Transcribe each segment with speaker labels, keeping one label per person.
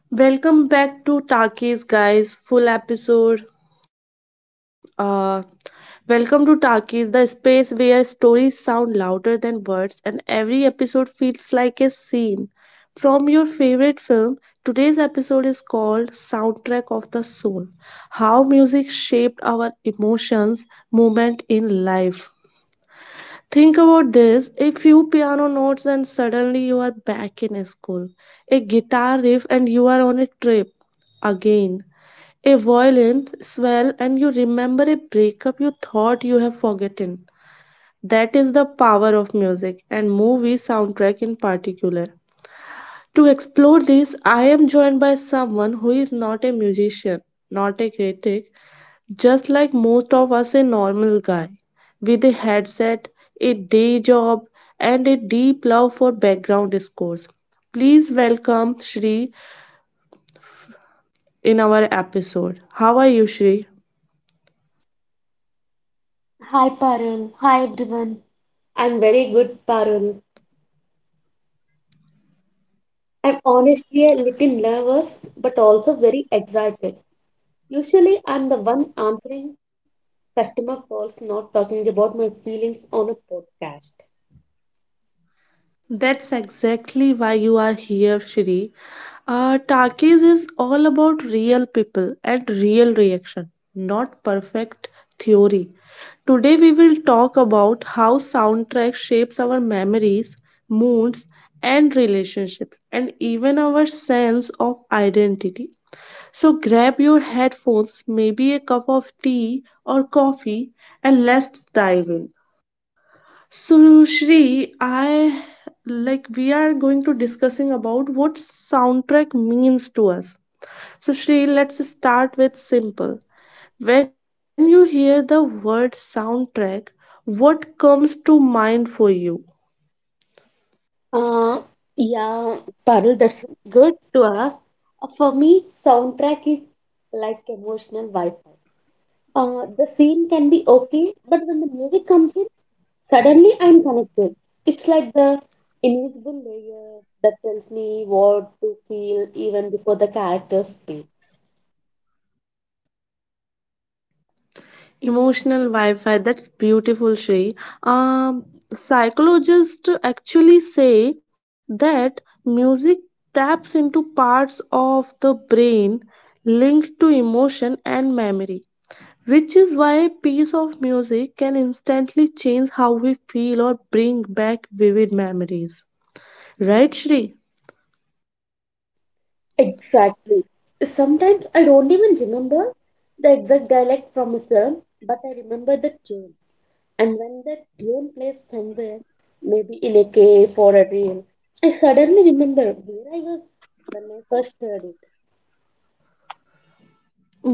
Speaker 1: Welcome back to Takis, guys. Full episode. Uh, Welcome to Takis, the space where stories sound louder than words, and every episode feels like a scene from your favorite film. Today's episode is called Soundtrack of the Soul: How Music Shaped Our Emotions Moment in Life. Think about this: a few piano notes, and suddenly you are back in school. A guitar riff, and you are on a trip again. A violin swell, and you remember a breakup you thought you have forgotten. That is the power of music and movie soundtrack in particular. To explore this, I am joined by someone who is not a musician, not a critic, just like most of us, a normal guy with a headset, a day job, and a deep love for background scores. Please welcome Shri in our episode. How are you, Shri?
Speaker 2: Hi Parul, hi everyone. I'm very good, Parul. I'm honestly a little nervous, but also very excited. Usually, I'm the one answering customer calls, not talking about my feelings on a podcast.
Speaker 1: That's exactly why you are here, Shri. Takis is all about real people and real reaction, not perfect theory. Today we will talk about how soundtrack shapes our memories, moods, and relationships, and even our sense of identity. So grab your headphones, maybe a cup of tea or coffee, and let's dive in. So, Shri, I like we are going to discussing about what soundtrack means to us. So, Shri, let's start with simple. When you hear the word soundtrack, what comes to mind for you?
Speaker 2: Uh, yeah, Parul, that's good to ask. For me, soundtrack is like emotional Wi-Fi. The scene can be okay, but when the music comes in. Suddenly, I'm connected. It's like the invisible layer that tells me what to feel even before the character speaks.
Speaker 1: Emotional Wi-Fi. That's beautiful, Shri. Um, Psychologists actually say that music taps into parts of the brain linked to emotion and memory, which is why a piece of music can instantly change how we feel or bring back vivid memories. Right, Shri?
Speaker 2: Exactly. Sometimes I don't even remember the exact dialect from a film, but I remember the tune. And when that tune plays somewhere, maybe in a cave or a reel, I suddenly remember where I was when I first heard it.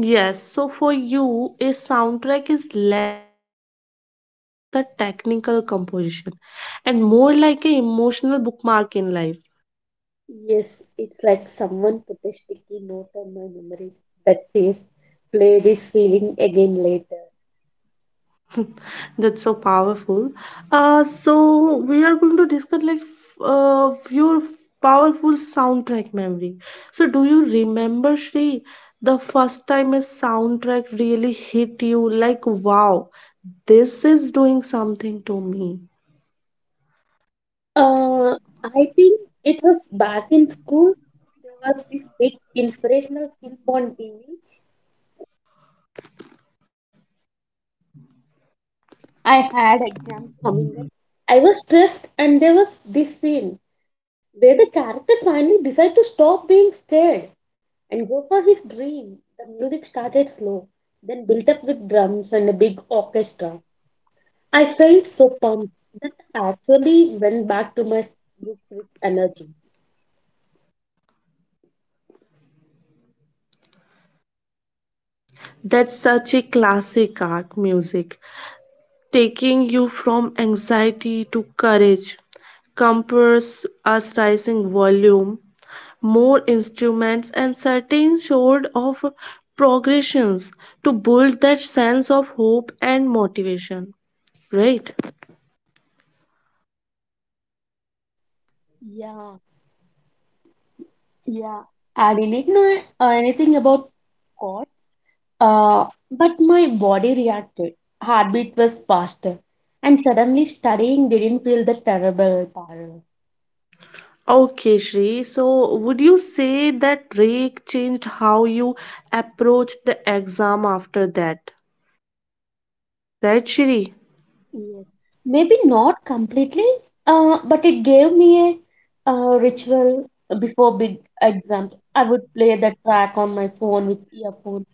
Speaker 1: Yes, so for you, a soundtrack is less about the technical composition and more like an emotional bookmark in life.
Speaker 2: Yes, it's like someone put a sticky note on my memories that says, play this feeling again later.
Speaker 1: That's so powerful. So we are going to discuss like your powerful soundtrack memory. So do you remember, Shri, the first time a soundtrack really hit you like, wow, this is doing something to me?
Speaker 2: Uh, I think it was back in school. There was this big inspirational film on TV. I had exams coming up. I was stressed, and there was this scene where the character finally decided to stop being scared and go for his dream. The music started slow, then built up with drums and a big orchestra. I felt so pumped that I actually went back to my books with energy.
Speaker 1: That's such a classic art music, taking you from anxiety to courage. Compass us rising volume, more instruments, and certain sort of progressions to build that sense of hope and motivation. Right.
Speaker 2: Yeah, yeah. I didn't know anything about God, uh, but my body reacted. Heartbeat was faster, and suddenly studying didn't feel the terrible power.
Speaker 1: Okay, Shri. So, would you say that break changed how you approached the exam after that? Right, Shri?
Speaker 2: Yes, maybe not completely, but it gave me a ritual before big exams. I would play the track on my phone with earphones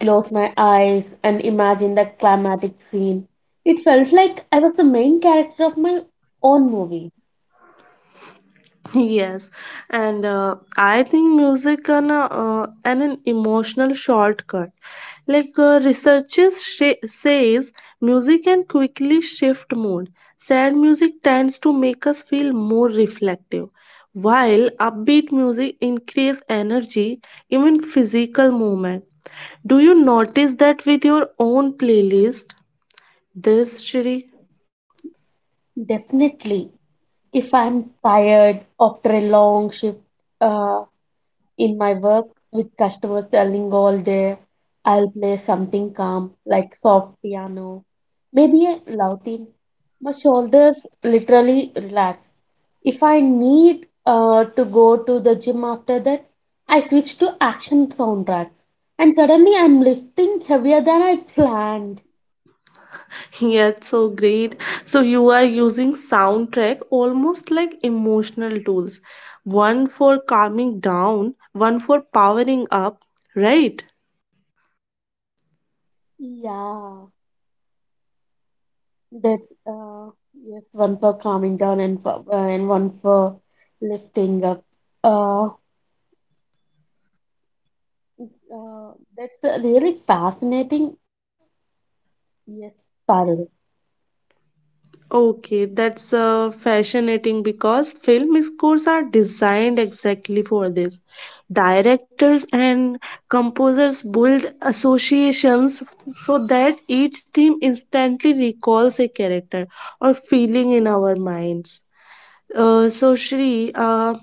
Speaker 2: close my eyes and imagine that climatic scene. It felt like I was the main character of my own movie.
Speaker 1: Yes, and I think music can and an emotional shortcut. Like researchers says, music can quickly shift mood. Sad music tends to make us feel more reflective, while upbeat music increase energy, even physical movement. Do you notice that with your own playlist? This, Shri?
Speaker 2: Definitely, if I'm tired after a long shift, uh, In my work with customers selling all day, I'll play something calm like soft piano, maybe a loud theme. My shoulders literally relax. If I need to go to the gym after that, I switch to action soundtracks and suddenly I'm lifting heavier than I planned.
Speaker 1: Yeah, so great. So you are using soundtrack almost like emotional tools. One for calming down, one for powering up, right?
Speaker 2: Yeah, that's yes, one for calming down and one for lifting up. Uh, that's a really fascinating. Yes, Parul.
Speaker 1: Okay, that's fascinating because film scores are designed exactly for this. Directors and composers build associations so that each theme instantly recalls a character or feeling in our minds. So, Shri,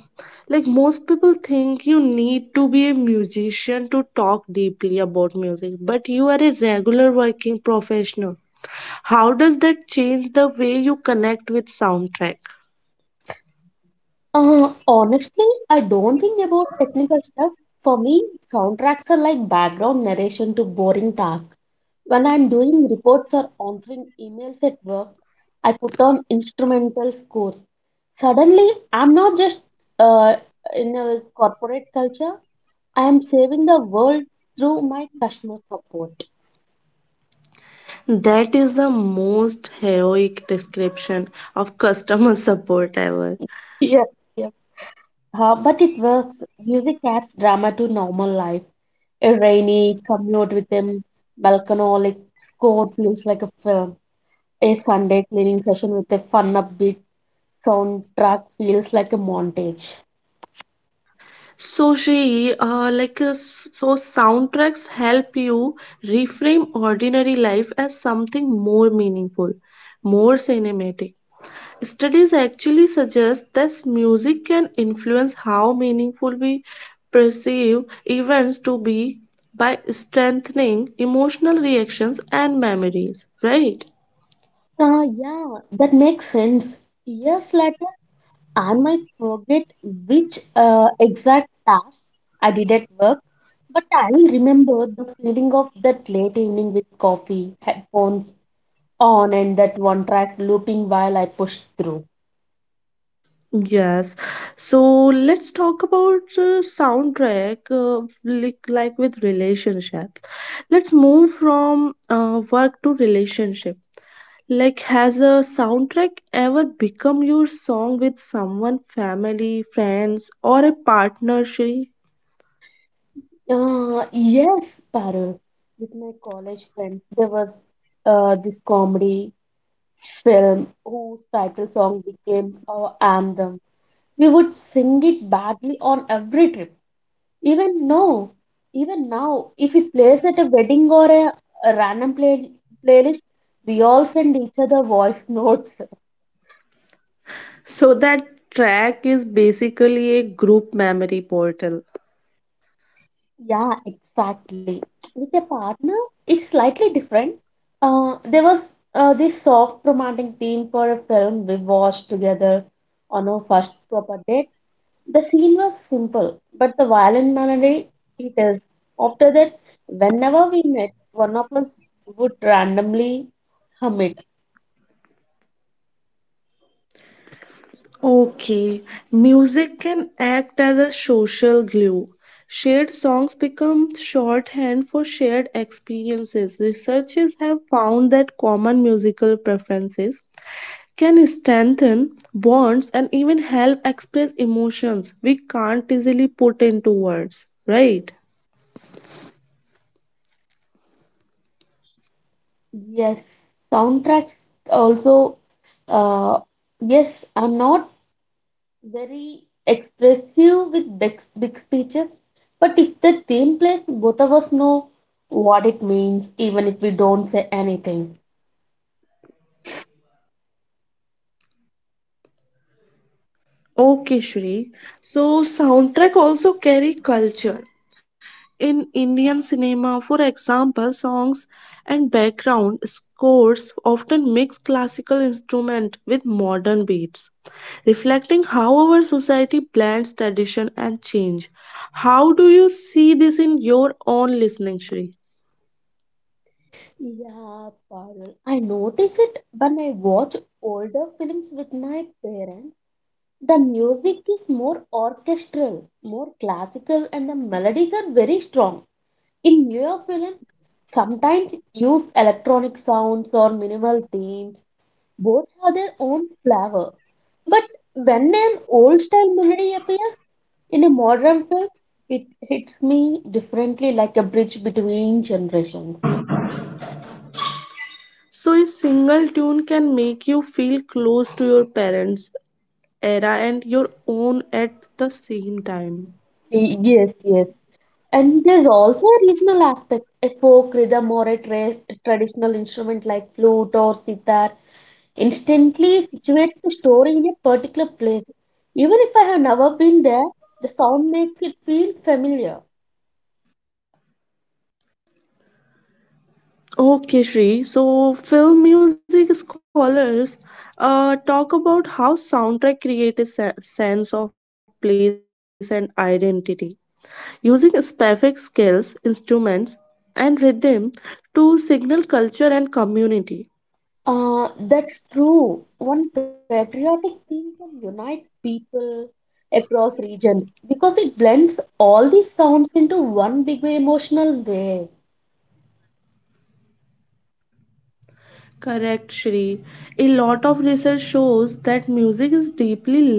Speaker 1: like most people think you need to be a musician to talk deeply about music, but you are a regular working professional. How does that change the way you connect with soundtrack?
Speaker 2: Honestly, I don't think about technical stuff. For me, soundtracks are like background narration to boring tasks. When I'm doing reports or answering emails at work, I put on instrumental scores. Suddenly, I'm not just uh, in a corporate culture, I am saving the world through my customer support.
Speaker 1: That is the most heroic description of customer support ever.
Speaker 2: Yeah. But it works. Music adds drama to normal life. A rainy commute with a melancholic score feels like a film. A Sunday cleaning session with a fun upbeat soundtrack feels like a montage.
Speaker 1: So, Shri, so soundtracks help you reframe ordinary life as something more meaningful, more cinematic. Studies actually suggest that music can influence how meaningful we perceive events to be by strengthening emotional reactions and memories, right?
Speaker 2: Ah, yeah, that makes sense. Years later, I might forget which exact task I did at work, but I will remember the feeling of that late evening with coffee, headphones, on and that one track looping while I pushed through.
Speaker 1: Yes. So let's talk about soundtrack like with relationships. Let's move from work to relationship. Like, has a soundtrack ever become your song with someone, family, friends, or a partner, Shri?
Speaker 2: Yes, Parul. With my college friends, there was this comedy film whose title song became our anthem. We would sing it badly on every trip. Even now, even now, if it plays at a wedding or a random playlist, we all send each other voice notes.
Speaker 1: So that track is basically a group memory portal.
Speaker 2: Yeah, exactly. With a partner, it's slightly different. There was this soft romantic theme for a film we watched together on our first proper date. The scene was simple, but the violin melody it is. After that, whenever we met, one of us would randomly hum it.
Speaker 1: Okay, music can act as a social glue. Shared songs become shorthand for shared experiences. Researchers have found that common musical preferences can strengthen bonds and even help express emotions we can't easily put into words, right?
Speaker 2: Yes, soundtracks also. Uh, yes, I'm not very expressive with big, big speeches. But if the theme plays, both of us know what it means, even if we don't say anything.
Speaker 1: Okay, Shri. So, soundtrack also carry culture. In Indian cinema, for example, songs and background scores often mix classical instruments with modern beats, reflecting how our society blends tradition and change. How do you see this in your own listening, Shri?
Speaker 2: Yeah, Parul. I notice it when I watch older films with my parents. The music is more orchestral, more classical, and the melodies are very strong. In newer films, sometimes use electronic sounds or minimal themes. Both have their own flavor. But when an old style melody appears in a modern film, it hits me differently like a bridge between generations.
Speaker 1: So, a single tune can make you feel close to your parents' era and your own at the same time.
Speaker 2: Yes, yes. And there's also a regional aspect. A folk rhythm or a traditional instrument like flute or sitar instantly situates the story in a particular place. Even if I have never been there, the sound makes it feel familiar.
Speaker 1: Okay, Shri. So, film music scholars talk about how soundtrack create a sense of place and identity, using specific skills, instruments, and rhythm to signal culture and community.
Speaker 2: That's true. One patriotic theme can unite people across regions because it blends all these sounds into one big emotional wave.
Speaker 1: Correct, Shri. A lot of research shows that music is deeply linked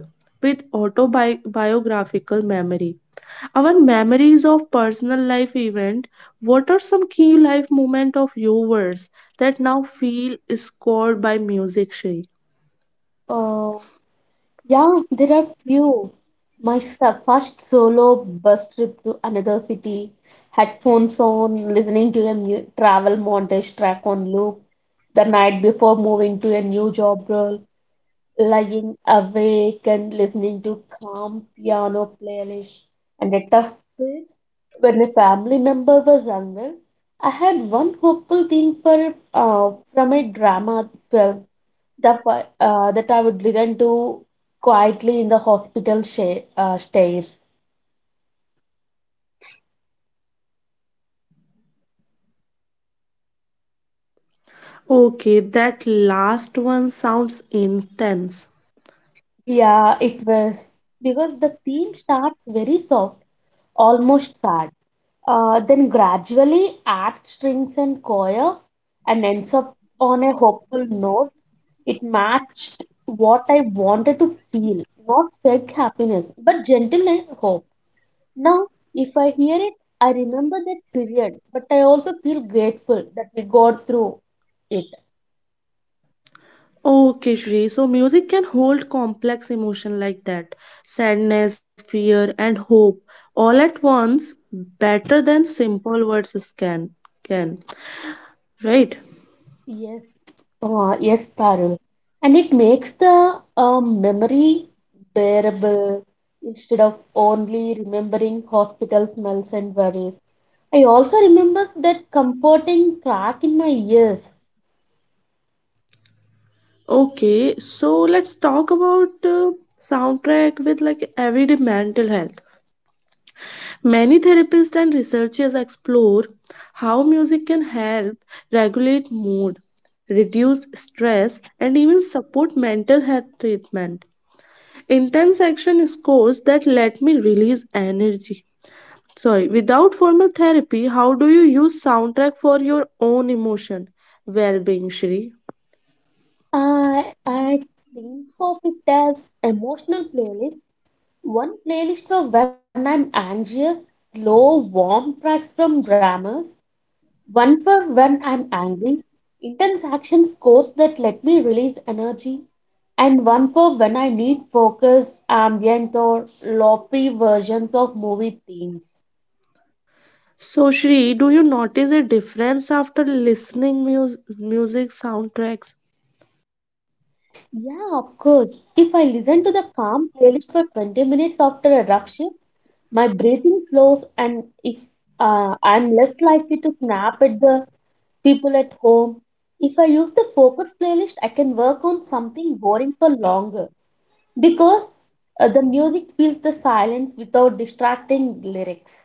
Speaker 1: with autobiographical memory. Our memories of personal life event, what are some key life moment of yours that now feel scored by music, Shri?
Speaker 2: Uh, yeah, there are few. My first solo bus trip to another city, headphones on, listening to a new travel montage track on loop the night before moving to a new job role. Lying awake and listening to calm piano playlist and a tough place. When a family member was unwell, I had one hopeful thing for from a drama film that I would listen to quietly in the hospital stairs.
Speaker 1: Okay, that last one sounds intense.
Speaker 2: Yeah, it was because the theme starts very soft, almost sad. Then gradually adds strings and choir and ends up on a hopeful note. It matched what I wanted to feel, not fake happiness, but gentle and hope. Now, if I hear it, I remember that period, but I also feel grateful that we got through it.
Speaker 1: Okay, Shri. So music can hold complex emotion like that, sadness, fear, and hope all at once, better than simple words is can, right?
Speaker 2: Yes, yes, Parul. And it makes the memory bearable instead of only remembering hospital smells and worries. I also remember that comforting crack in my ears.
Speaker 1: Okay, so let's talk about soundtrack with like everyday mental health. Many therapists and researchers explore how music can help regulate mood, reduce stress, and even support mental health treatment intense action scores that let me release energy. Sorry, without formal therapy, how do you use soundtrack for your own emotion well-being, Shri?
Speaker 2: I think of it as emotional playlist. One playlist for when I'm anxious, slow, warm tracks from dramas, one for when I'm angry, intense action scores that let me release energy, and one for when I need focus, ambient, or lofty versions of movie themes.
Speaker 1: So, Shri, do you notice a difference after listening music soundtracks?
Speaker 2: Yeah, of course. If I listen to the calm playlist for 20 minutes after a rough shift, my breathing slows, and if I'm less likely to snap at the people at home. If I use the focus playlist, I can work on something boring for longer, because the music fills the silence without distracting lyrics.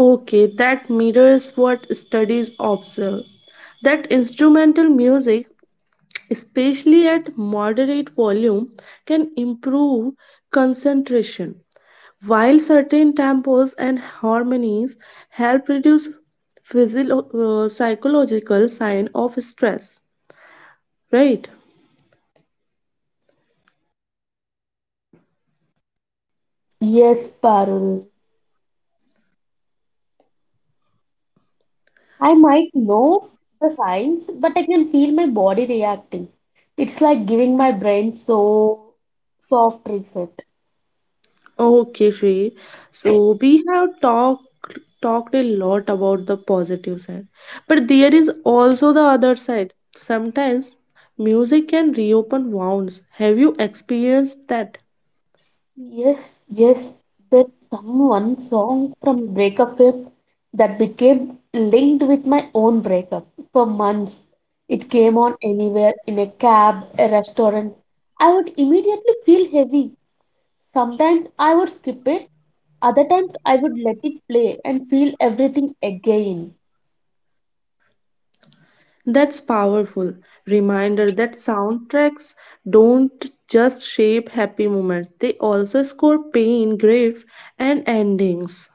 Speaker 1: Okay, that mirrors what studies observe, that instrumental music, especially at moderate volume, can improve concentration, while certain tempos and harmonies help reduce psychological sign of stress, right?
Speaker 2: Yes, Parul. I might know the signs, but I can feel my body reacting. It's like giving my brain so soft reset.
Speaker 1: Okay, Shri. So we have talked a lot about the positive side, but there is also the other side. Sometimes music can reopen wounds. Have you experienced that?
Speaker 2: Yes, yes. There's some one song from breakup film that became linked with my own breakup for months. It came on anywhere in a cab, a restaurant. I would immediately feel heavy. Sometimes I would skip it, other times I would let it play and feel everything again.
Speaker 1: That's powerful reminder that soundtracks don't just shape happy moments, they also score pain, grief, and endings.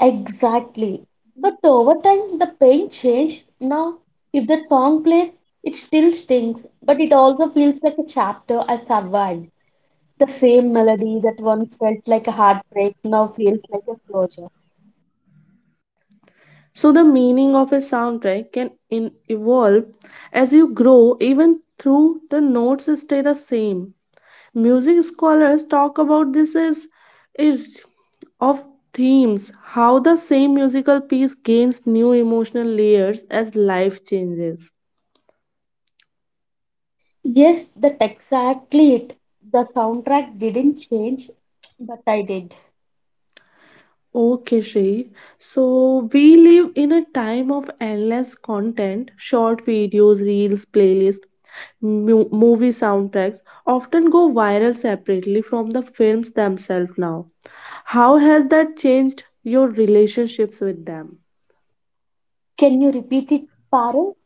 Speaker 2: Exactly. But over time, the pain changed. Now, if that song plays, it still stings, but it also feels like a chapter I survived. The same melody that once felt like a heartbreak now feels like a closure.
Speaker 1: So the meaning of a soundtrack can evolve as you grow, even through the notes stay the same. Music scholars talk about this as a of themes, how the same musical piece gains new emotional layers as life changes.
Speaker 2: Yes, that's exactly it. The soundtrack didn't change, but I did.
Speaker 1: Okay, Shri. So we live in a time of endless content, short videos, reels, playlists, movie soundtracks often go viral separately from the films themselves now. How has that changed your relationships with them?
Speaker 2: Can you repeat it, Parul?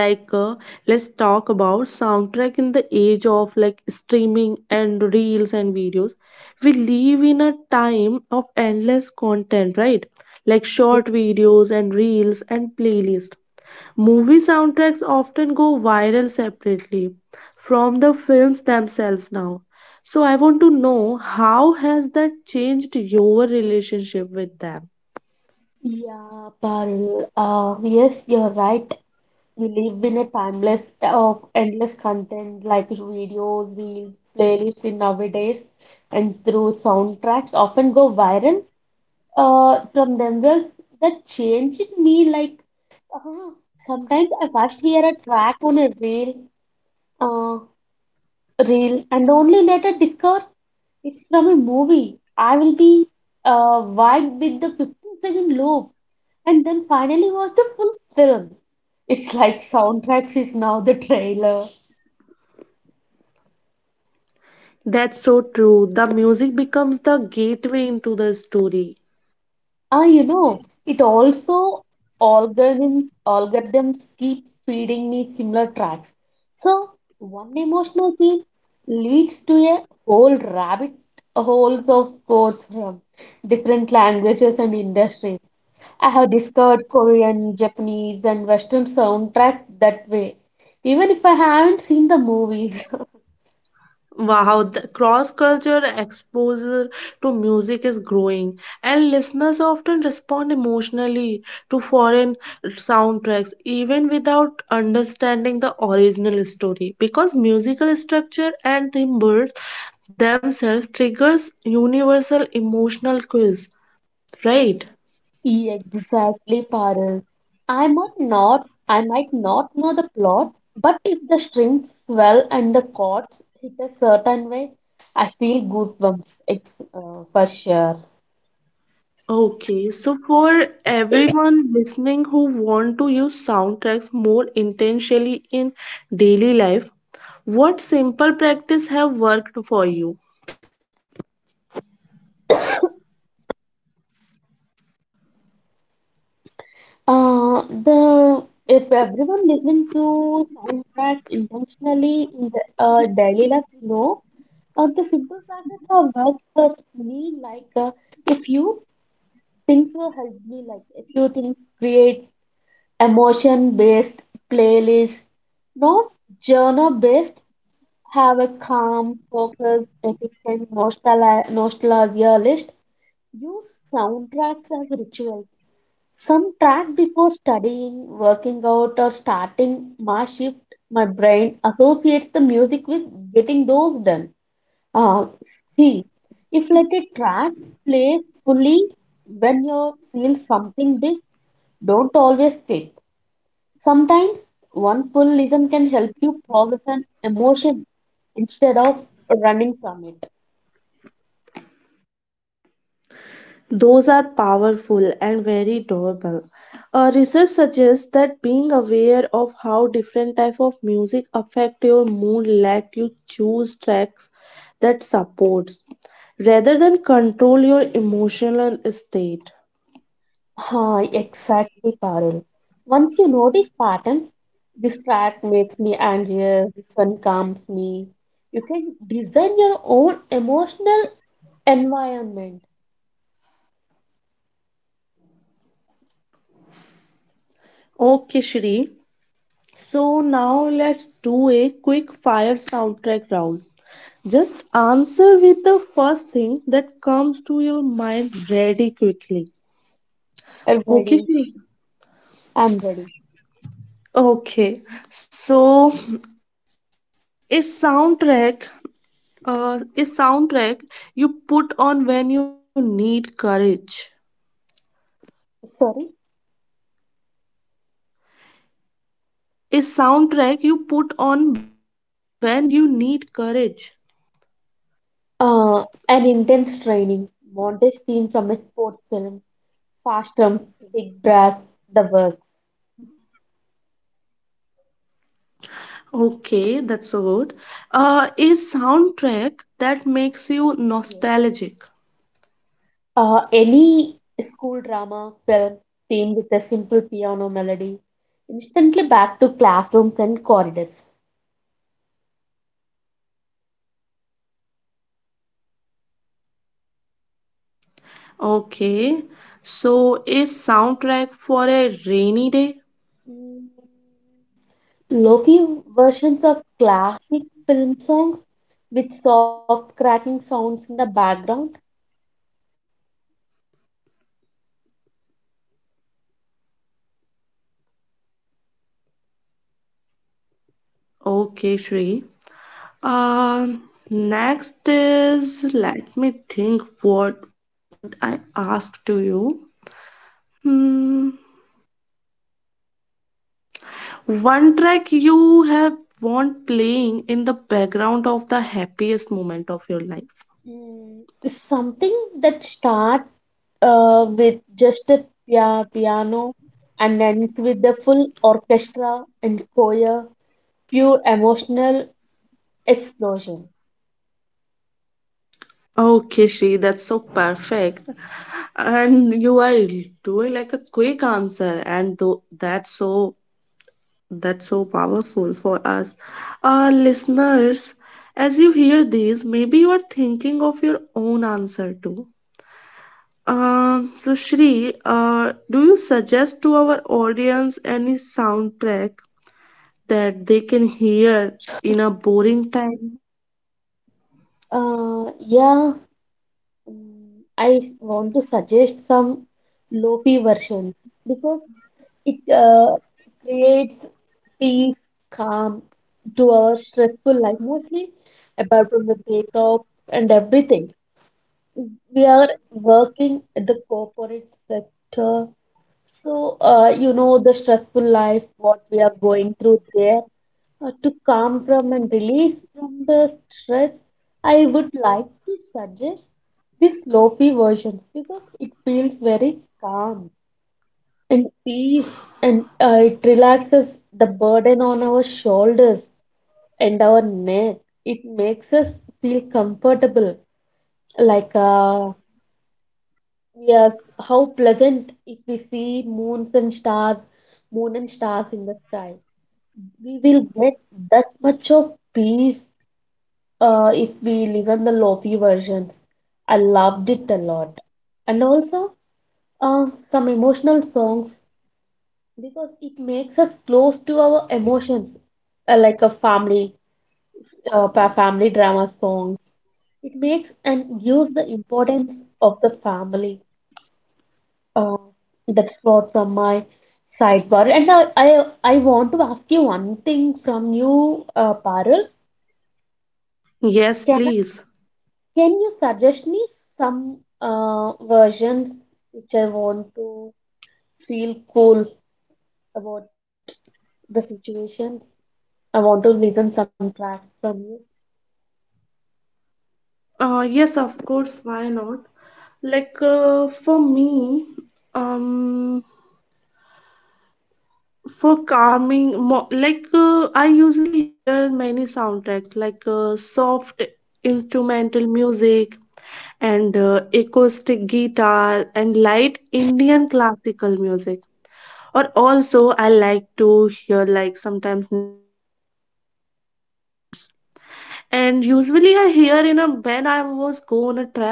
Speaker 1: Like let's talk about soundtrack in the age of like streaming and reels and videos. We live in a time of endless content, right? Like short videos and reels and playlists. Movie soundtracks often go viral separately from the films themselves now, so I want to know, how has that changed your relationship with them?
Speaker 2: Yeah, Parul. Yes, you're right. We live in a timeless of endless content like videos, reels, playlists in nowadays, and through soundtracks often go viral from themselves. That changed me. Like uh, sometimes I first hear a track on a reel. Uh, Reel and only later discover it's from a movie. I will be vibed with the 15-second loop and then finally watch the full film. It's like soundtracks is now the trailer.
Speaker 1: That's so true, the music becomes the gateway into the story.
Speaker 2: Ah, it also algorithms keep feeding me similar tracks. So one emotional theme leads to a whole rabbit holes of scores from different languages and industries. I have discovered Korean, Japanese, and Western soundtracks that way, even if I haven't seen the movies.
Speaker 1: Wow, the cross-culture exposure to music is growing, and listeners often respond emotionally to foreign soundtracks even without understanding the original story, because musical structure and timbres themselves triggers universal emotional cues, right?
Speaker 2: Exactly, Parul. I might not know the plot, but if the strings swell and the chords hit a certain way, I feel goosebumps. It's for sure.
Speaker 1: Okay, so for everyone listening who want to use soundtracks more intentionally in daily life, what simple practice have worked for you?
Speaker 2: The if everyone listen to soundtracks intentionally in the daily life, the simple practice of work for me, like a few things will help me, like a few things create emotion-based playlist, not genre-based. Have a calm, focus, epic, and nostalgia list. Use soundtracks as rituals. Some track before studying, working out, or starting my shift, my brain associates the music with getting those done. Uh, See, if let a track play fully when you feel something big, don't always skip. Sometimes one full listen can help you process an emotion instead of running from it.
Speaker 1: Those are powerful and very doable. Research suggests that being aware of how different type of music affect your mood let you choose tracks that supports rather than control your emotional state.
Speaker 2: Ah, exactly, Parul. Once you notice patterns, this track makes me anxious, this one calms me. You can design your own emotional environment.
Speaker 1: Okay, Shri. So now let's do a quick fire soundtrack round. Just answer with the first thing that comes to your mind very quickly.
Speaker 2: I'm ready.
Speaker 1: Okay. Shri?
Speaker 2: I'm ready.
Speaker 1: Okay. So a soundtrack a soundtrack you put on when you need courage.
Speaker 2: Sorry.
Speaker 1: A soundtrack you put on when you need courage.
Speaker 2: An intense training, montage theme from a sports film, fast jumps, big brass, the works.
Speaker 1: Okay, that's so good. A soundtrack that makes you
Speaker 2: Yes.
Speaker 1: nostalgic.
Speaker 2: Any school drama film themed with a simple piano melody, instantly back to classrooms and corridors.
Speaker 1: Okay, so a soundtrack for a rainy day.
Speaker 2: Mm, Lofi versions of classic film songs with soft cracking sounds in the background.
Speaker 1: Okay, Shri. Um, next is let me think. What would I ask to you? Hmm. One track you have want playing in the background of the happiest moment of your life.
Speaker 2: Mm, Something that starts with just a piano and ends with the full orchestra and choir, pure emotional explosion.
Speaker 1: Okay, Shri, that's so perfect. And you are doing like a quick answer, and though that's so, that's so powerful for us. Our listeners, as you hear these, maybe you are thinking of your own answer too. So, Shri, do you suggest to our audience any soundtrack that they can hear in a boring time?
Speaker 2: Yeah, I want to suggest some lofi versions because it creates peace, calm to our stressful life, mostly apart from the breakup and everything we are working at the corporate sector. So, the stressful life, what we are going through there, to calm from and release from the stress, I would like to suggest these lofi versions because it feels very calm and peace and it relaxes the burden on our shoulders and our neck. It makes us feel comfortable, like yes, how pleasant if we see moons and stars, moon and stars in the sky. We will get that much of peace if we listen the lofi versions. I loved it a lot. And also some emotional songs because it makes us close to our emotions, like a family, family drama songs. It makes and gives the importance of the family Uh, that's what from my sidebar. And I want to ask you one thing from you, Parul.
Speaker 1: Yes,
Speaker 2: Can
Speaker 1: please.
Speaker 2: I, can you suggest me some versions which I want to feel cool about the situations? I want to listen some tracks from you.
Speaker 1: Yes, of course, why not? Like for me, um, for calming I usually hear many soundtracks like soft instrumental music and acoustic guitar and light Indian classical music, or also I like to hear like sometimes nature sounds. And usually I hear in a when I was go on a travel,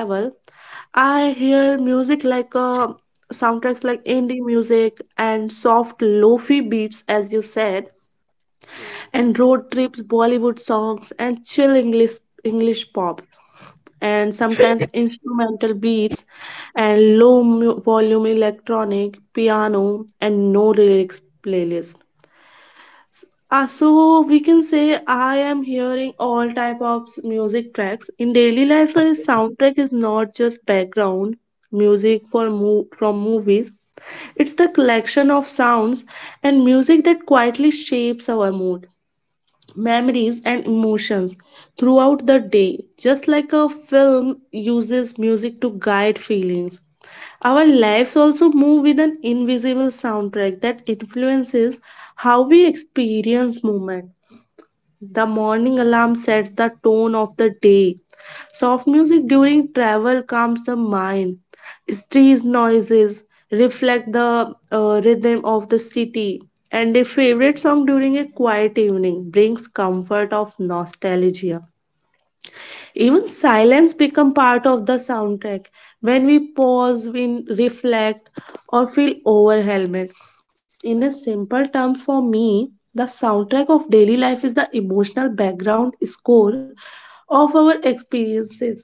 Speaker 1: I hear music like soundtracks like indie music and soft lofi beats, as you said, and road trips, Bollywood songs, and chill English pop, and sometimes instrumental beats and low volume electronic, piano, and no lyrics playlists. So we can say I am hearing all type of music tracks. In daily life, a soundtrack is not just background music for from movies. It's the collection of sounds and music that quietly shapes our mood, memories, and emotions throughout the day. Just like a film uses music to guide feelings, our lives also move with an invisible soundtrack that influences how we experience moment. The morning alarm sets the tone of the day. Soft music during travel calms the mind. Street noises reflect the rhythm of the city. And a favorite song during a quiet evening brings comfort of nostalgia. Even silence become part of the soundtrack when we pause, we reflect, or feel overwhelmed. In a simple terms, for me, the soundtrack of daily life is the emotional background score of our experiences.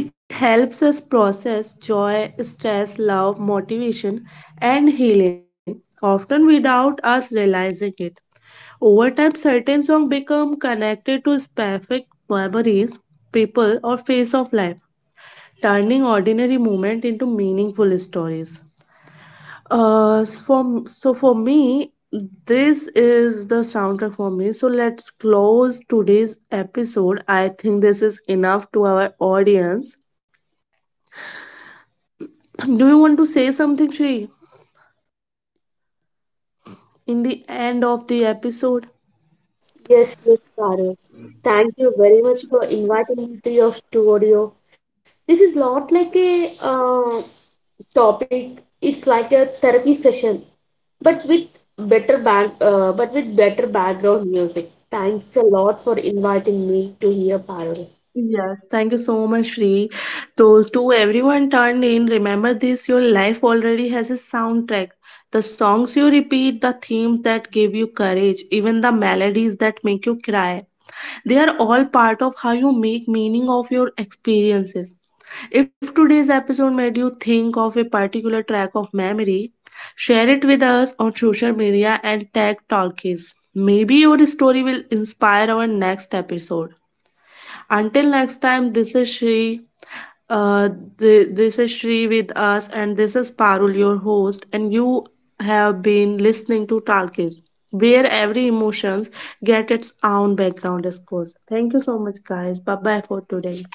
Speaker 1: It helps us process joy, stress, love, motivation, and healing, often without us realizing it. Over time, certain songs become connected to specific memories, people, or phase of life, turning ordinary moments into meaningful stories. So for me, this is the soundtrack for me. So let's close today's episode. I think this is enough to our audience. Do you want to say something, Shri, in the end of the episode?
Speaker 2: Yes, yes, Parul. Thank you very much for inviting me to your studio. This is not like a topic, it's like a therapy session, but with but with better background music. Thanks a lot for inviting me to hear Parul.
Speaker 1: Yes, thank you so much, Sri. To everyone turned in, remember this, your life already has a soundtrack. The songs you repeat, the themes that give you courage, even the melodies that make you cry. They are all part of how you make meaning of your experiences. If today's episode made you think of a particular track of memory, share it with us on social media and tag Talkies. Maybe your story will inspire our next episode. Until next time, this is Shri. Uh, this is Shri with us, and this is Parul, your host, and you have been listening to Talkies, where every emotions get its own background discourse. Thank you so much, guys. Bye bye for today.